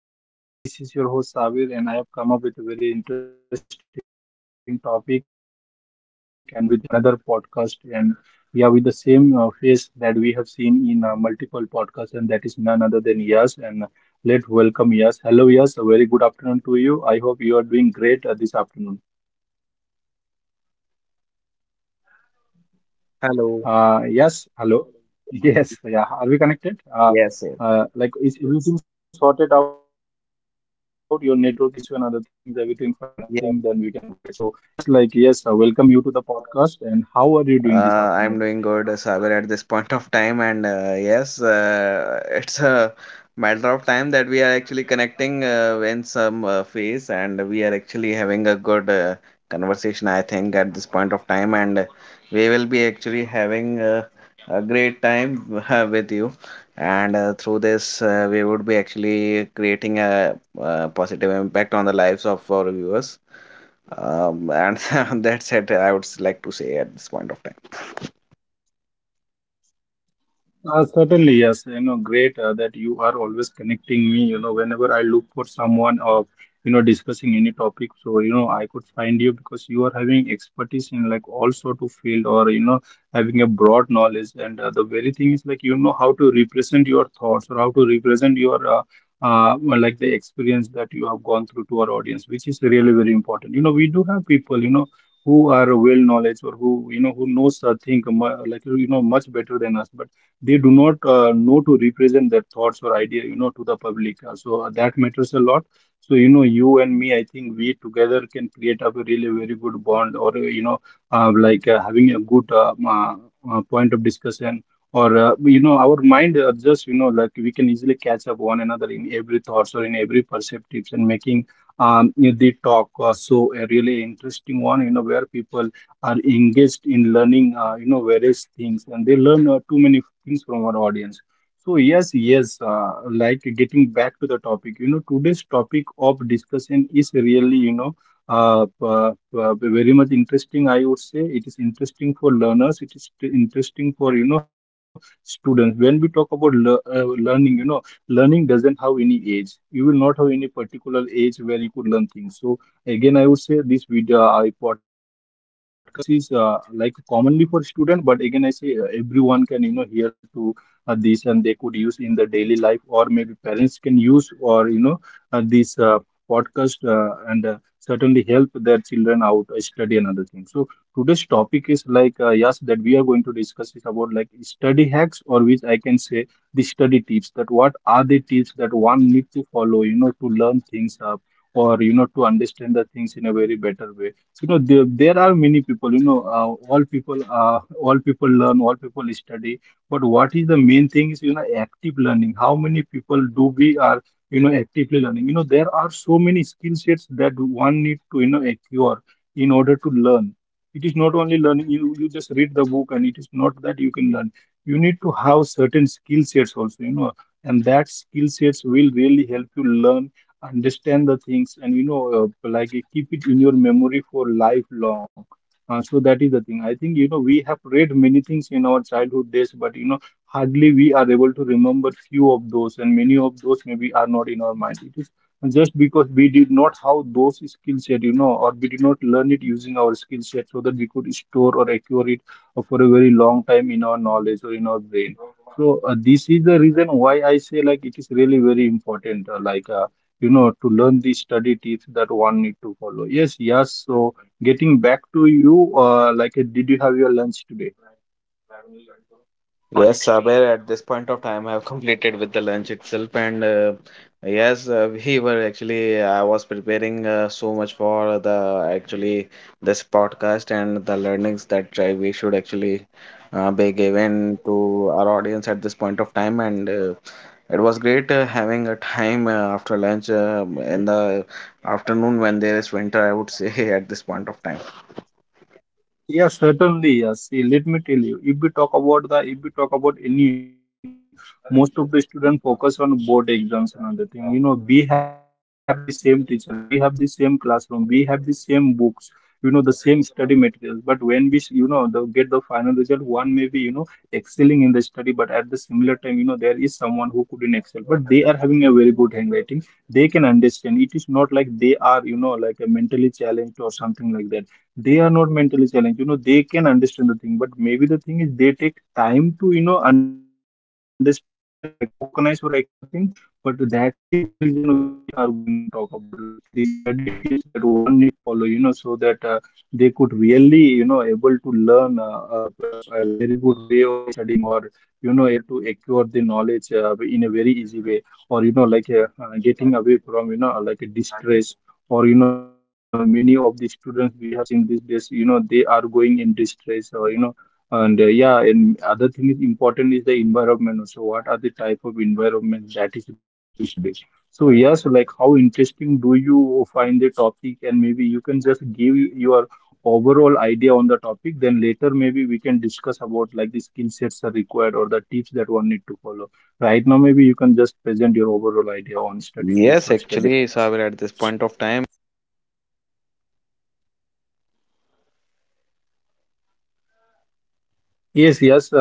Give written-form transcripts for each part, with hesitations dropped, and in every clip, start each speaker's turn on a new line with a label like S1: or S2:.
S1: Hello and good afternoon, viewers. This is your host Savir, and I have come up with a very interesting topic and with another podcast. And yeah, with the same face that we have seen in multiple podcasts, and that is none other than Yas. And let's welcome Yas. Hello, Yas. A very good afternoon to you. I hope you are doing great this afternoon.
S2: Hello.
S1: Yes, hello. Yes, yeah.
S2: Yes, yes.
S1: Are we connected? Like, is everything sorted out? Your network issue and other things, everything fine. I think then
S2: Yeah.
S1: we can go ahead. So, yes, like, yes, welcome you to the podcast. And how are you doing this
S2: I'm
S1: afternoon?
S2: doing good, Sagar, at this point of time. And yes, it's a matter of time that we are actually connecting in some phase, and we are actually having a good conversation, I think, at this point of time. And we will be actually having a great time with you. And through this, we would be actually creating a positive impact on the lives of our viewers. And that's it. I would like to say at this point of time.
S1: Certainly, yes. You know, great that you are always connecting me. You know, whenever I look for someone or you know discussing any topic, so you know I could find you because you are having expertise in like all sort of field or you know having a broad knowledge. And the very thing is like you know how to represent your thoughts or how to represent your well, like the experience that you have gone through to our audience, which is really very important. You know, we do have people. You know. Who are well knowledge or who you know who knows like you know much better than us, but they do not know to represent their thoughts or idea you know to the public. So that matters a lot, so you know you and me, I think we together can create up a really very good bond or you know, like having a good point of discussion or you know our mind, just you know like we can easily catch up one another in every thoughts or in every perceptives and making um, the talk, so a really interesting one you know where people are engaged in learning you know various things and they learn too many things from our audience. So yes, yes, like getting back to the topic, you know today's topic of discussion is really, you know, uh, uh, uh, very much interesting. I would say it is interesting for learners, it is interesting for you know students when we talk about learning. You know, learning doesn't have any age, you will not have any particular age where you could learn things. So again, I would say this video, podcast is like commonly for student, but again, I say everyone can you know hear to this and they could use in the daily life, or maybe parents can use or you know this podcast, and certainly help their children out study and other things. So today's topic is like, yes, that we are going to discuss is about like study hacks, or which I can say the study tips, that what are the tips that one need to follow you know to learn things up or you know to understand the things in a very better way. So you know there, there are many people, you know, all people learn, all people study, but what is the main thing is you know active learning. How many people do we are you know actively learning? You know there are so many skill sets that one need to you know acquire in order to learn. It is not only learning, you just read the book and it is not that you can learn. You need to have certain skill sets also, you know, and that skill sets will really help you learn, understand the things, and you know, like you keep it in your memory for lifelong. So that is the thing, I think you know we have read many things in our childhood days, but you know hardly we are able to remember few of those, and many of those maybe are not in our mind. It is just because we did not have those skill set, you know, or we did not learn it using our skill set so that we could store or acquire it for a very long time in our knowledge or in our brain. So this is the reason why I say like it is really very important. Like, you know, to learn the study tips that one need to follow. Yes, yes. So getting back to you, like, did you have your lunch today?
S2: Yes, honestly. Saber, at this point of time, I have completed with the lunch itself, and yes, we were actually I was preparing so much for the actually this podcast and the learnings that we should actually be given to our audience at this point of time, and it was great having a time after lunch in the afternoon when there is winter. I would say at this point of time.
S1: Yes, certainly. Yes. See, let me tell you, if we talk about if we talk about any, most of the student focus on board exams and other thing. You know, we have the same teacher, we have the same classroom, we have the same books, you know, the same study materials. But when we, you know, the, get the final result, one may be, you know, excelling in the study, but at the similar time, you know, there is someone who couldn't excel, but they are having a very good handwriting. They can understand. It is not like they are, you know, like a mentally challenged or something like that. They are not mentally challenged, you know, they can understand the thing, but maybe the thing is they take time to you know understand, recognize or acquire things. But that is the reason where we are going to talk about like the study tips that one need to follow, you know, so that they could really you know able to learn a very good way of studying, or you know able to acquire the knowledge in a very easy way, or you know like getting away from you know like a distress, or you know many of the students we have seen these days, you know, they are going in distress or you know. And yeah, and other thing is important is the environment also, what are the type of environment that is required to study. So yes, like how interesting do you find the topic, and maybe you can just give your overall idea on the topic, then later maybe we can discuss about like the skill sets are required or the tips that one need to follow. Right now maybe you can just present your overall idea on study tips
S2: Yes,
S1: or study
S2: actually,
S1: hacks.
S2: Saber, at this point of time,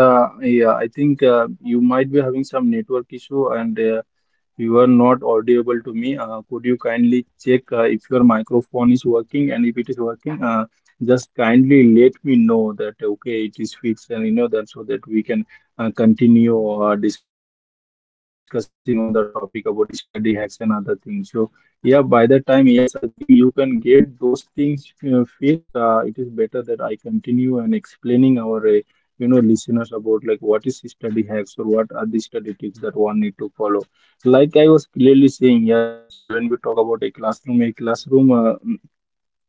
S1: Yes, yes. Yeah, I think you might be having some network issue, and you are not audible to me. Could you kindly check if your microphone is working? And if it is working, just kindly let me know that okay, it is fixed, and you know that, so that we can continue discussing on the topic about study hacks and other things. So yeah, by the time, yes, I think you can get those things fixed. It is better that I continue and explaining our. You know, listeners about like what is study hacks or what are the study tips that one need to follow. Like I was clearly saying, yes, when we talk about a classroom,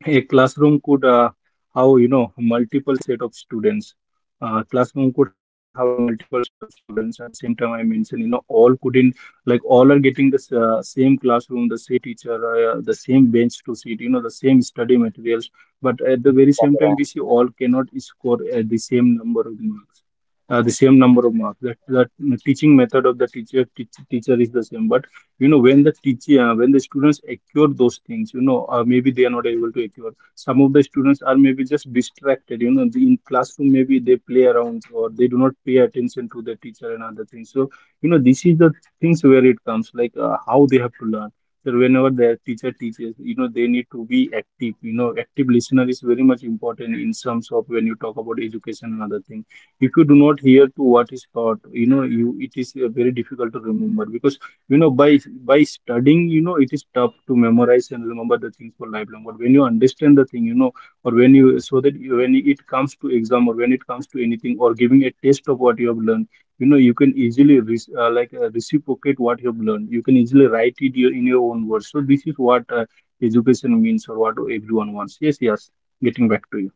S1: a classroom could have, you know, multiple set of students. Classroom could have a multiple set of students. At the same time I mentioned, you know, all couldn't, like all are getting the same classroom, the same teacher, the same bench to sit, you know, the same study materials. But at the very same time we see all cannot score at the same number of marks, That teaching method of the teacher is the same. But you know when the teacher when the students acquire those things, you know, maybe they are not able to acquire. Some of the students are maybe just distracted. You know the, in classroom maybe they play around or they do not pay attention to the teacher and other things. So you know this is the things where it comes like how they have to learn. So whenever their teacher teaches, you know, they need to be active. You know, active listener is very much important in terms of when you talk about education and other things. If you do not hear to what is taught, you know you it is very difficult to remember because you know by studying, you know, it is tough to memorize and remember the things for lifelong. But when you understand the thing, you know, or when you so that you, when it comes to exam or when it comes to anything or giving a taste of what you have learned, you know, you can easily reciprocate what you have learned. You can easily write it your, in your own words. So this is what education means or what everyone wants. Yes, yes, getting back to you.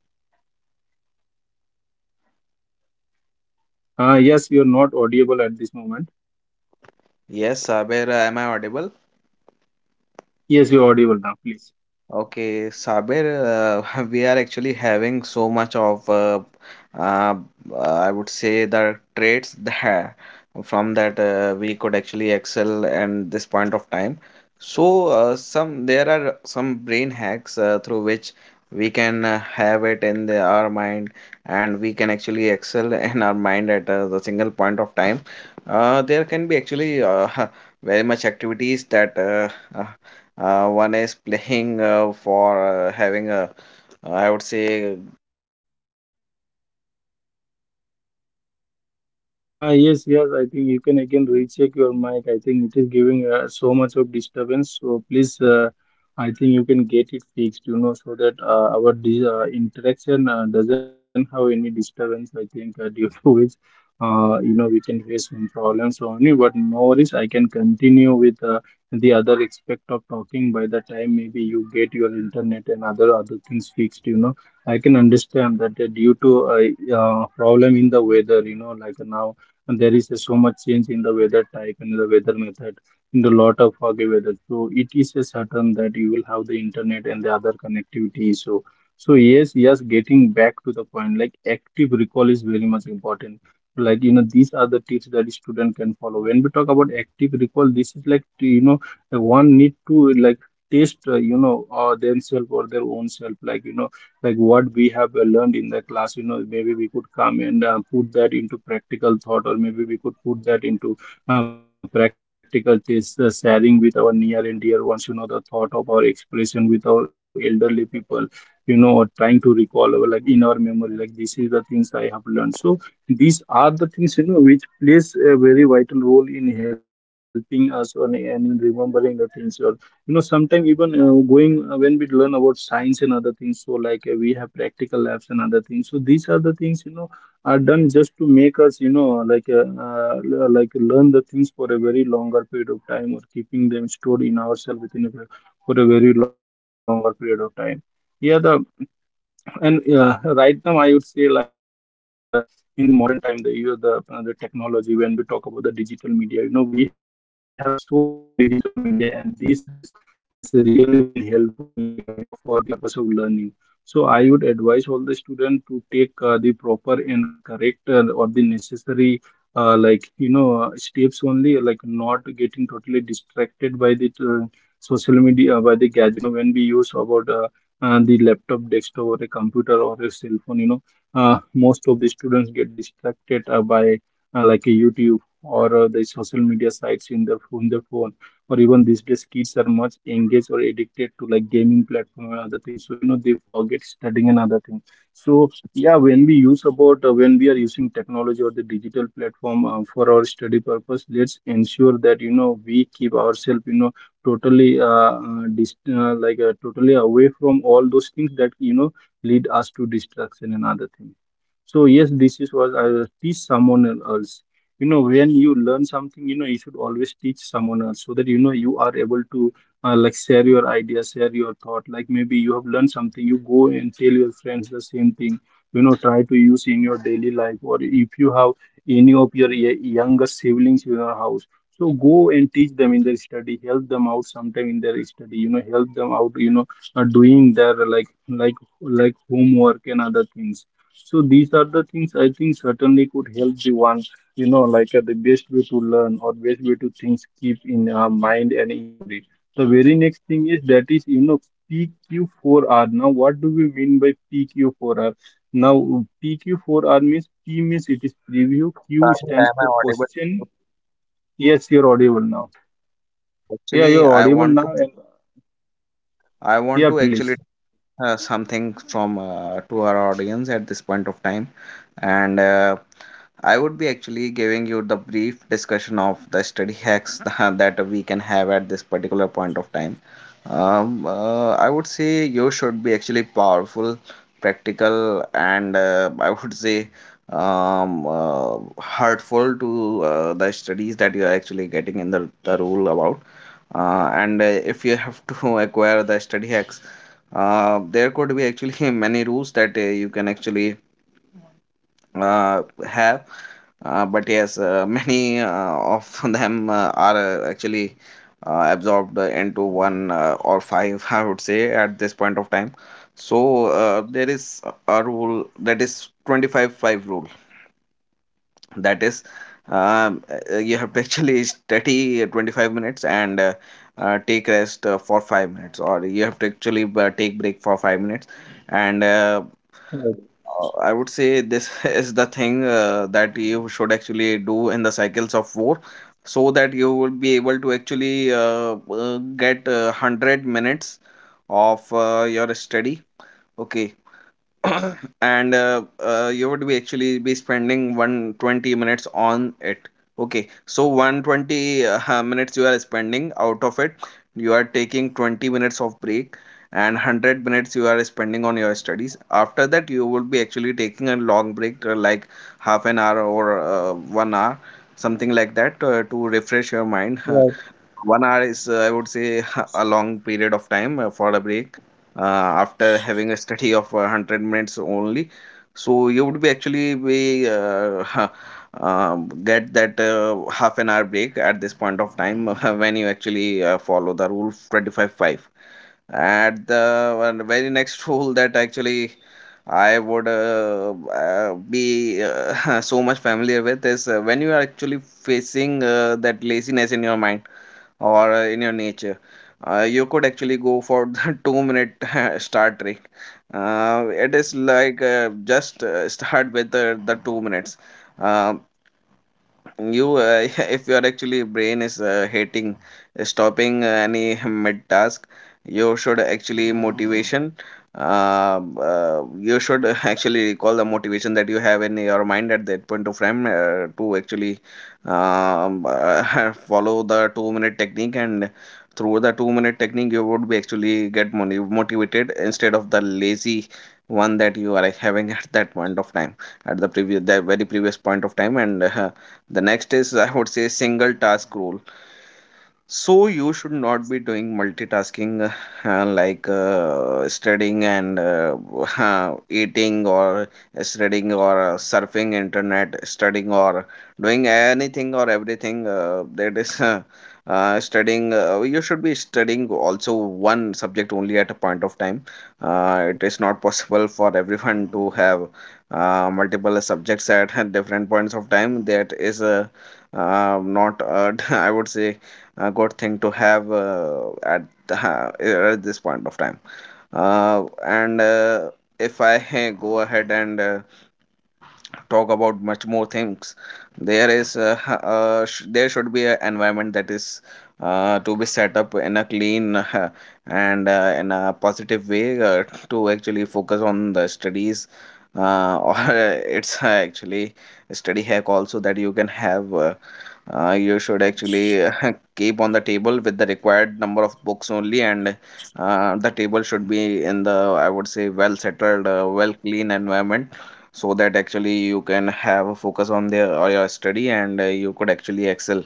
S1: Yes, you're not audible at this moment.
S2: yes, Sabir, am I audible?
S1: Yes, you're audible now, please.
S2: Okay, Sabir, we are actually having so much of, uh, I would say, the traits that from that we could actually excel and this point of time. So, some there are some brain hacks through which we can have it in our mind and we can actually excel in our mind at the single point of time. There can be actually very much activities that one is playing for having a, I would say,
S1: Ah, yes, yes, I think you can again recheck your mic. I think it is giving so much of disturbance. So please, I think you can get it fixed, you know, so that our interaction doesn't have any disturbance. I think due to which, you know, we can face some problems only. But no worries, I can continue with the other aspect of talking. By the time maybe you get your internet and other things fixed, you know, I can understand that due to a problem in the weather, you know, like now. And there is a so much change in the weather type and the weather method, in the lot of foggy weather, so it is a certain that you will have the internet and the other connectivity. So yes, yes, getting back to the point, like active recall is very much important. Like you know, these are the tips that a student can follow. When we talk about active recall, this is like, you know, one need to like test you know themselves or their own self, like you know, like what we have learned in the class. You know, maybe we could come and put that into practical thought, or maybe we could put that into practical test, sharing with our near and dear ones, you know, the thought of our expression with our elderly people, you know, or trying to recall our, like in our memory, like this is the things I have learned. So these are the things, you know, which plays a very vital role in helping us on and in remembering the things. Or you know, sometimes even going when we learn about science and other things, so like we have practical labs and other things. So these are the things, you know, are done just to make us, you know, like like learn the things for a very longer period of time, or keeping them stored in ourselves within a, for a very longer period of time. Yeah the and Right now, I would say, like in the modern time, the you know, the technology. When we talk about the digital media, you know, we have so many digital media, and this has really been helpful, you know, for the purpose of learning. So I would advise all the students to take the proper and correct or the necessary, like you know, steps only, like not getting totally distracted by the social media, by the gadgets. You know, when we use about the laptop, desktop, or a computer, or a cell phone, you know, most of the students get distracted by like a YouTube or the social media sites in their phone. Or even these days kids are much engaged or addicted to like gaming platform and other things, so you know they forget studying and other things. So yeah, when we use about when we are using technology or the digital platform for our study purpose, let's ensure that, you know, we keep ourselves, you know, totally like totally away from all those things that, you know, lead us to distraction and other things. So yes, this is what I will teach someone else. You know, when you learn something, you know, you should always teach someone else so that, you know, you are able to like share your ideas, share your thought. Like maybe you have learned something, you go and tell your friends the same thing. You know, try to use in your daily life. Or if you have any of your younger siblings in your house, so go and teach them in their study, help them out sometime in their study. You know, help them out. You know, doing their like homework and other things. So these are the things, I think, certainly could help the one, you know, like the best way to learn, or best way to things keep in our mind and in memory. The very next thing is that is, you know, PQ4R. Now, what do we mean by PQ4R? Now, PQ4R means P means it is
S2: Rahul,
S1: preview,
S2: am I
S1: Q
S2: audible?
S1: stands for question. Yes, you're audible now.
S2: Actually,
S1: Yeah, you're audible now. And
S2: I want to
S1: yeah,
S2: actually
S1: please.
S2: something from to our audience at this point of time. And I would be actually giving you the brief discussion of the study hacks that we can have at this particular point of time. I would say you should be actually powerful, practical, and I would say um, uh, hurtful to the studies that you are actually getting in the rule about. And if you have to acquire the study hacks, there could be actually many rules that you can actually have. But yes, many of them are actually absorbed into one or five, I would say, at this point of time. So there is a rule that is 25-5 rule. That is, um, you have to actually study 25 minutes and take rest for 5 minutes, or you have to actually take break for 5 minutes, and
S1: Right,
S2: I would say this is the thing that you should actually do in the cycles of war, so that you will be able to actually get 100 minutes of your study. Okay, and you would be actually be spending 120 minutes on it. Okay, so 120 minutes you are spending out of it. You are taking 20 minutes of break and 100 minutes you are spending on your studies. After that, you would be actually taking a long break, like half an hour or 1 hour, something like that to refresh your mind.
S1: right.
S2: 1 hour is I would say a long period of time for a break uh, after having a study of 100 minutes only. So you would be actually be get that half an hour break at this point of time when you actually follow the rule 25-5. At the very next rule that actually I would be so much familiar with is when you are actually facing that laziness in your mind or in your nature. You could actually go for the 2 minute Star Trek. It is like just start with the 2 minutes. Um you if your actually brain is hating stopping any mid task, you should actually motivation. You should actually recall the motivation that you have in your mind at that point of time to actually follow the 2 minute technique, and through the 2 minute technique you would be actually get motivated instead of the lazy one that you are like having at that point of time at the previous, that very previous point of time. And the next is I would say single task rule. So you should not be doing multitasking, like studying and eating, or studying or surfing internet, studying or doing anything or everything that is studying. You should be studying also one subject only at a point of time. It is not possible for everyone to have multiple subjects at different points of time. That is not, I would say, a good thing to have at at this point of time. And if I go ahead and talk about much more things, there is there should be an environment that is to be set up in a clean and in a positive way to actually focus on the studies, or it's actually a study hack also that you can have. You should actually keep on the table with the required number of books only, and the table should be in the, I would say, well settled, well clean environment, so that actually you can have a focus on their or your study, and you could actually excel.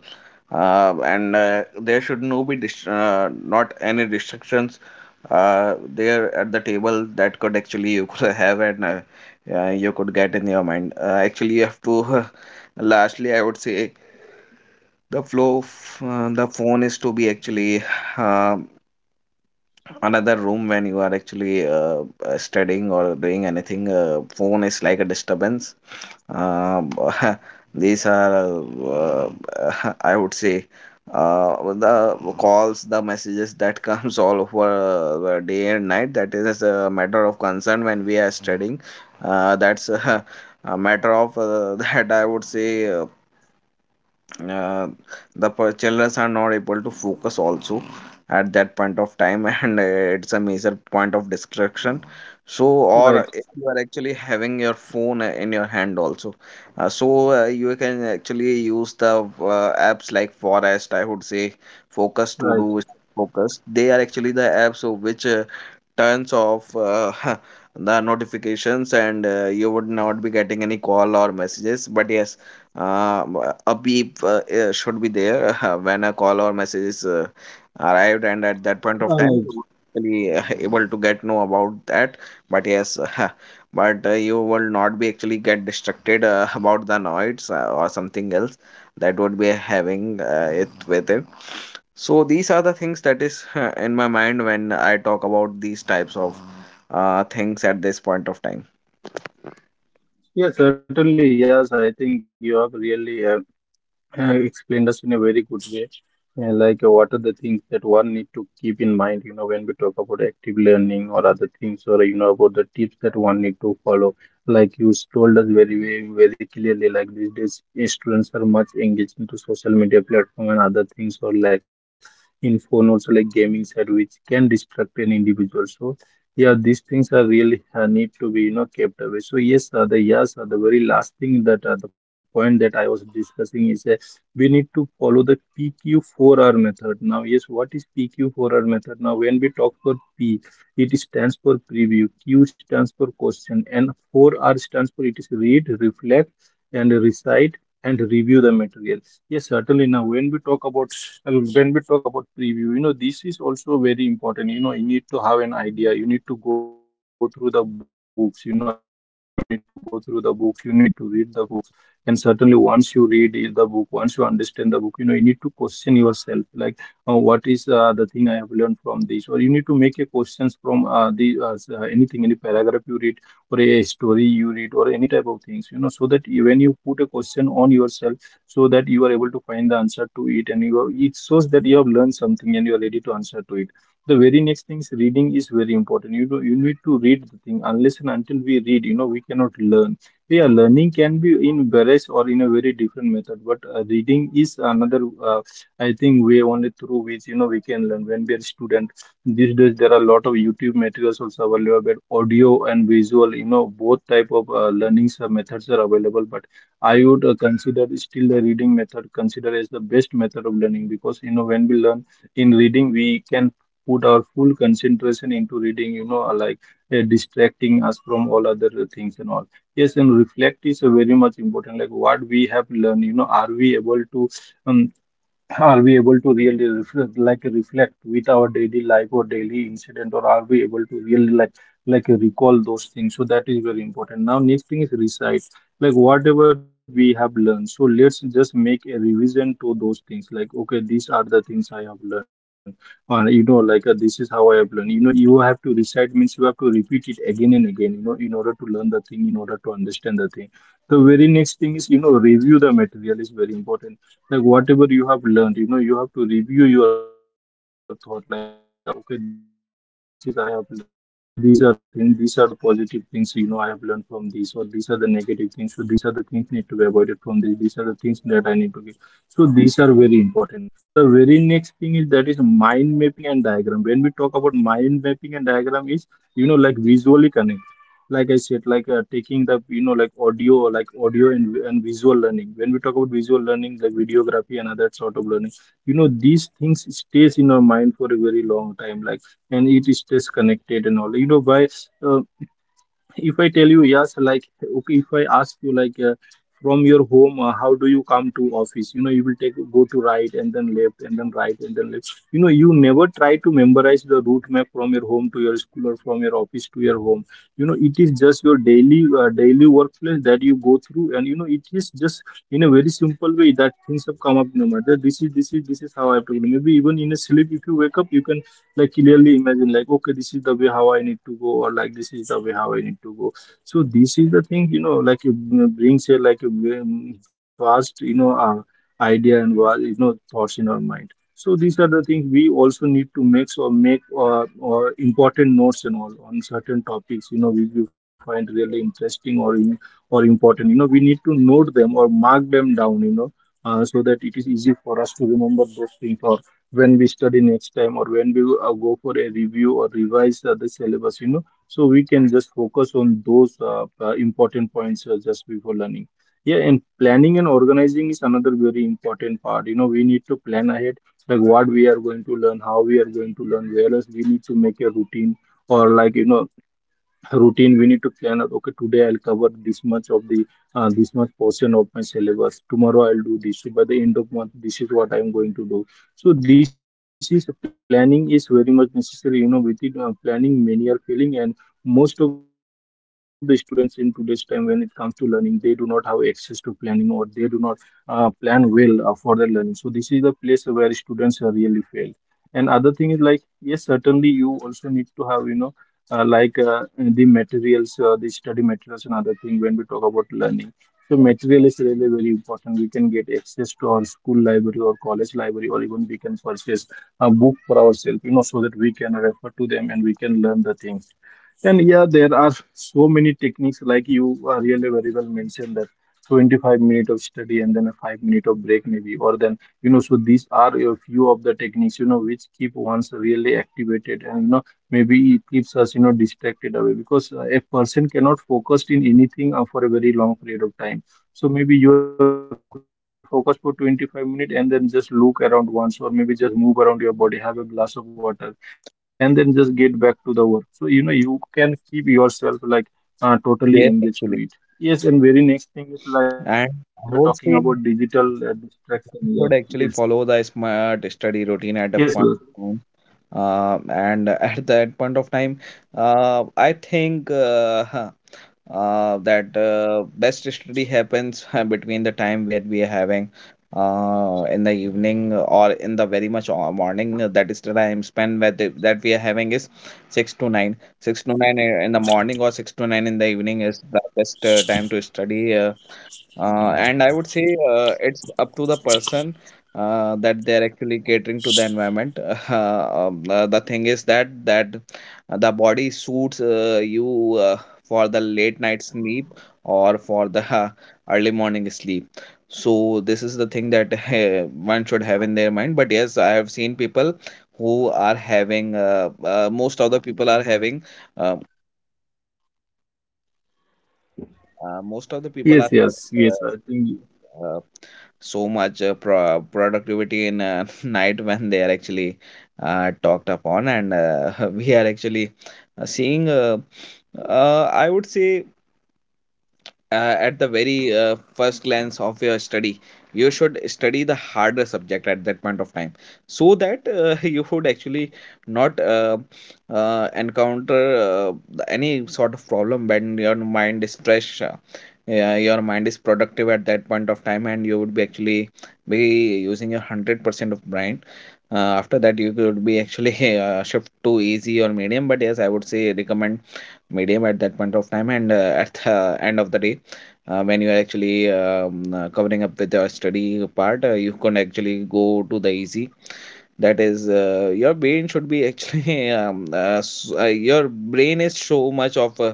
S2: And there should no be not any restrictions there at the table that could actually you could have. And you could get in your mind actually, you have to. Lastly, I would say the flow of, the phone is to be actually uh, another room when you are actually studying or doing anything. Phone is like a disturbance. um, these are, I would say, the calls, the messages that comes all over day and night. That is a matter of concern when we are studying. That's a matter of, that I would say. Uh, the childrens are not able to focus also at that point of time. And it's a major point of distraction. So, or if you are
S1: Right,
S2: actually having your phone in your hand also, so you can actually use the apps, like forest, I would say, focus to do
S1: right.
S2: focus. They are actually the apps which tons of the notifications, and you would not be getting any call or messages. But yes, uh, a beep should be there when a call or message is arrived, and at that point of time you would
S1: All right.
S2: actually able to get know about that. But yes, but you will not be actually get distracted about the noise or something else that would be having it with it. So these are the things that is in my mind when I talk about these types of things at this point of time.
S1: Yeah, certainly. Yes, I think you have really explained us in a very good way. What are the things that one need to keep in mind, you know, when we talk about active learning or other things, or you know, about the tips that one need to follow. Like you told us very, very, very clearly, like these days students are much engaged into social media platform and other things, or like in phone also like gaming side, which can distract an individual. So yeah, these things are really need to be, you know, kept away. So yes, the very last thing, that the point that I was discussing, is. We need to follow the PQ4R method. Now, yes, what is PQ4R method? Now, when we talk for P, it stands for preview, Q stands for question, and 4R stands for it is read, reflect, and recite and review the material. Yes, certainly. Now, when we talk about preview, you know, this is also very important. You know, you need to have an idea. You need to go through the books. You know, you need to go through the books. You need to read the books. And certainly, once you read the book, once you understand the book, you know, you need to question yourself, like what is the thing I have learned from this. Or you need to make a questions from anything, any paragraph you read or a story you read or any type of things, you know, so that when you put a question on yourself, so that you are able to find the answer to it, and you are, it shows that you have learned something and you are ready to answer to it. The very next thing is reading is very important. You know, you need to read the thing. Unless and until we read, you know, we cannot learn. Yeah, learning can be in various or in a very different method, but reading is another, I think, way only through which, you know, we can learn. When we are student, these days there are a lot of YouTube materials also available, but audio and visual, you know, both type of learning methods are available. But I would consider still the reading method consider as the best method of learning, because you know, when we learn in reading, we can put our full concentration into reading. You know, like distracting us from all other things and all. Yes, and reflect is very much important. Like what we have learned, you know, are we able to um, are we able to really reflect, like reflect with our daily life or daily incident, or are we able to really like recall those things? So that is very important. Now, next thing is recite, like whatever we have learned. So let's just make a revision to those things. Like okay, these are the things I have learned, and you know, like this is how I have learned. You know, you have to recite means you have to repeat it again and again. You know, in order to learn the thing, in order to understand the thing. The very next thing is, you know, review the material is very important. Like whatever you have learned, you know, you have to review your thought, like okay, this is I have learned, these are the things, these are the positive things, you know, I have learned from this. Or these are the negative things, so these are the things need to be avoided from this. These are the things that I need to get. So these are very important. The very next thing is that is mind mapping and diagram. When we talk about mind mapping and diagram is, you know, like visually connected, like I said, like taking the, you know, like audio and visual learning. When we talk about visual learning, like videography and other sort of learning, you know these things stays in our mind for a very long time, like and it stays connected and all. You know why? uh, if I tell you yes, like okay, if I ask you from your home, how do you come to office? You know, you will take, go to right and then left and then right and then left. You know, you never try to memorize the route map from your home to your school or from your office to your home. You know, it is just your daily daily workplace that you go through, and you know it is just in a very simple way that things have come up in your mind that this is this is how I have to. Maybe even in a sleep, if you wake up, you can like clearly imagine like okay, this is the way how I need to go, or like this is the way how I need to go. So this is the thing, you know, like it brings a like a vast idea and you know thoughts in our mind. So these are the things we also need to make, or make or important notes and all on certain topics, you know, which we find really interesting or or important. You know, we need to note them or mark them down, you know, so that it is easy for us to remember those things, or when we study next time or when we go for a review or revise the syllabus. You know, so we can just focus on those important points just before learning. Yeah, and planning and organizing is another very important part. You know, we need to plan ahead like what we are going to learn, how we are going to learn, whereas we need to make a routine, or like you know, routine, we need to plan out okay, today I'll cover this much of the this much portion of my syllabus. Tomorrow I'll do this, so by the end of month, this is what I'm going to do. So this is, planning is very much necessary. You know, within planning many are failing, and most of the students in today's time when it comes to learning, they do not have access to planning, or they do not plan well for their learning. So this is the place where students are really fail. And other thing is like, yes, certainly you also need to have you know, the materials, the study materials, and other thing when we talk about learning. So material is really very important. We can get access to our school library or college library, or even we can purchase a book for ourselves, you know, so that we can refer to them and we can learn the things. And yeah, there are so many techniques, like you really very well mentioned that 25 minute of study and then a 5 minute of break maybe, or then you know. So these are a few of the techniques, you know, which keep ones really activated, and you know maybe it keeps us you know distracted away, because a person cannot focus in anything for a very long period of time. So maybe you are focused for 25 minutes and then just look around once, or maybe just move around your body, have a glass of water and then just get back to the work. So, you know, you can keep yourself like totally engaged to
S2: Yes,
S1: it.
S2: actually.
S1: Yes, and very next thing is like we were talking
S2: And
S1: about
S2: I would
S1: digital
S2: say you
S1: distraction. Yeah. Yes.
S2: should actually follow the smart
S1: Yes.
S2: study routine at a point. And at that point of time, I think, that best study happens between the time where we are having in the evening or in the very much morning. That is the time spent, that that we are having is 6 to 9, 6 to 9 in the morning, or 6 to 9 in the evening is the best time to study. And I would say it's up to the person that they are actually catering to the environment. The thing is that the body suits you for the late night sleep or for the early morning sleep. So this is the thing that one should have in their mind. But yes, I have seen people who are having most of the people are having, uh, most of the people are
S1: Yes. Yes.
S2: having.
S1: Yes. Yes, I think you-
S2: Uh, so much productivity in night when they are actually talked upon, and we are actually seeing. I would say at the very first glance of your study, you should study the harder subject at that point of time, so that you would actually not encounter uh, any sort of problem. When your mind is fresh, yeah, your mind is productive at that point of time, and you would be actually be using your 100% of brain. After that you could be actually shift to easy or medium, but yes I would say recommend medium at that point of time. And at the end of the day, when you are actually covering up with your study part, you can actually go to the easy. That is, your brain should be actually your brain is so much of uh,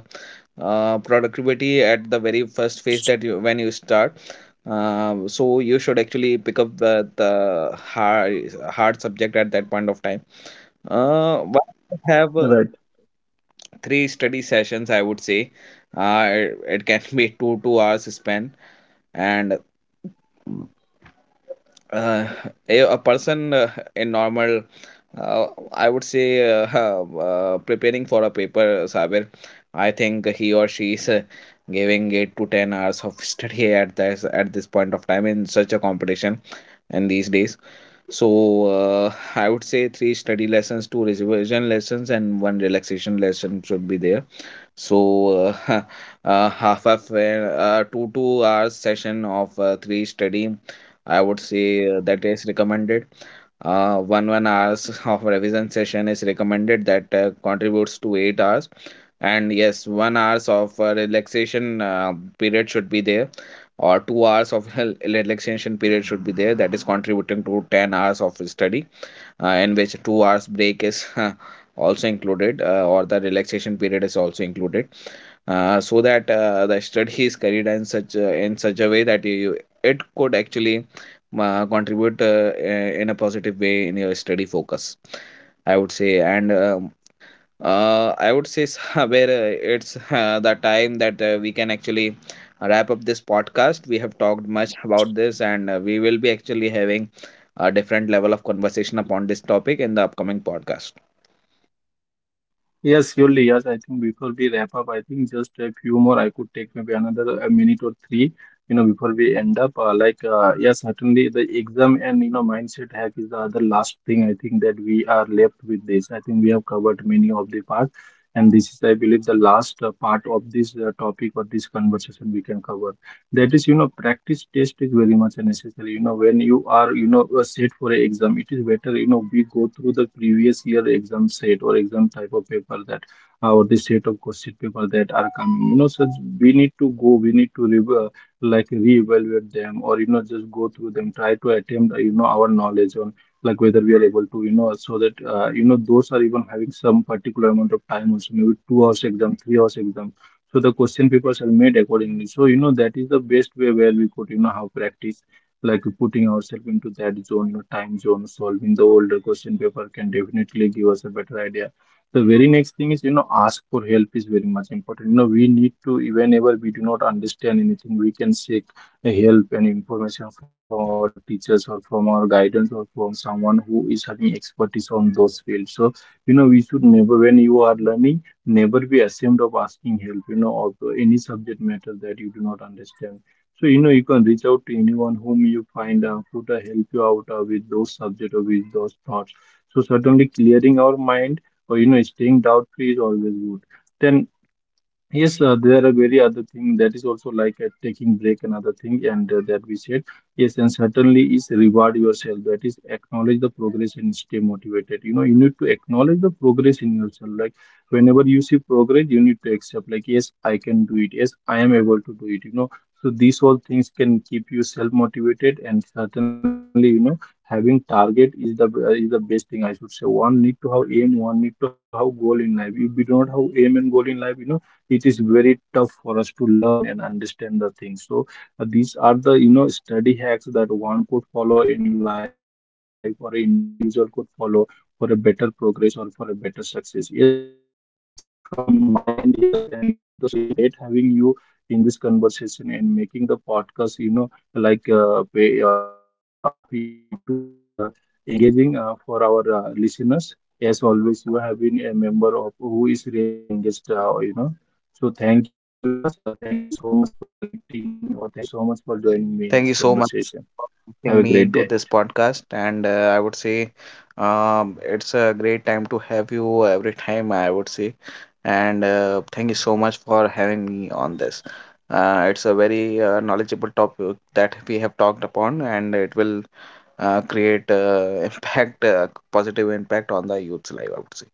S2: uh, productivity at the very first phase that you when you start. So you should actually pick up the hard subject at that point of time. But
S1: right.
S2: have three study sessions, I would say. It can be two hours span. And uh, a person in normal, uh, I would say, preparing for a paper saber, I think he or she is giving 8 to 10 hours of study at this point of time, in such a competition in these days. So I would say three study lessons, two revision lessons, and one relaxation lesson should be there. So half of two hours session of three study, I would say that is recommended. One hours of revision session is recommended, that contributes to 8 hours. And yes, 1 hours of relaxation period should be there, or 2 hours of relaxation period should be there, that is contributing to 10 hours of study, in which 2 hours break is also included, or the relaxation period is also included. So that the study is carried in such a way that you it could actually contribute in a positive way in your study focus, I would say. And I would say somewhere it's the time that we can actually wrap up this podcast. We have talked much about this, and we will be actually having a different level of conversation upon this topic in the upcoming podcast.
S1: Yes, surely. Yes, I think before we wrap up, I think just a few more. I could take maybe another a minute or three, you know, before we end up. Yes, certainly the exam and, you know, mindset hack is the other last thing I think that we are left with this. I think we have covered many of the parts, and this is, I believe, the last part of this topic or this conversation we can cover. That is, you know, practice test is very much necessary. You know, when you are you know set for a exam, it is better, you know, we go through the previous year exam set or exam type of paper that or the set of question paper that are coming, you know. So we need to go, we need to like reevaluate them, or you know just go through them, try to attempt you know our knowledge on like whether we are able to you know, so that you know those are even having some particular amount of time also, maybe 2 hours exam, 3 hours exam. So the question papers are made accordingly, so you know that is the best way where we could you know have practice, like putting ourselves into that zone, you know, time zone. Solving the older question paper can definitely give us a better idea. The very next thing is, you know, ask for help is very much important. You know, we need to, whenever we do not understand anything, we can seek a help and information from our teachers or from our guidance or from someone who is having expertise on those fields. So you know, we should never, when you are learning, never be ashamed of asking help, you know, of any subject matter that you do not understand. So you know, you can reach out to anyone whom you find who to help you out with those subject or with those thoughts. So certainly clearing our mind or you know staying doubt free is always good. Then yes, there are very other thing that is also like taking break and other thing, and that we said. Yes, and certainly is reward yourself. That is acknowledge the progress and stay motivated. You know, you need to acknowledge the progress in yourself. Like whenever you see progress, you need to accept like, yes, I can do it. Yes, I am able to do it. You know, so these all things can keep you self motivated, and certainly, you know, having target is the best thing I should say. One need to have aim, one need to have goal in life. If we don't have aim and goal in life, you know it is very tough for us to learn and understand the things. So these are the you know study hacks that one could follow in life, or an individual could follow for a better progress or for a better success. Yes, that's it from my end. Yes, and it was really great having you in this conversation and making the podcast. You know, yeah, too much engaging for our listeners. As always, you have been a member of who is really engaged. You know. So thank you, Yas. Thank you so much for connecting me, or thank you so much for joining me in this
S2: Thank you so much
S1: conversation.
S2: for
S1: Have a
S2: inviting me
S1: great
S2: into
S1: day.
S2: this podcast. And I would say it's a great time to have you every time, I would say. And thank you so much for having me on this. It's a very knowledgeable topic that we have talked upon, and it will create impact, positive impact on the youth's life, I would say.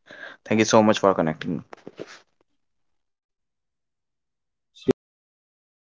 S2: Thank you so much for connecting me.
S1: Sure. Thank you, Yas.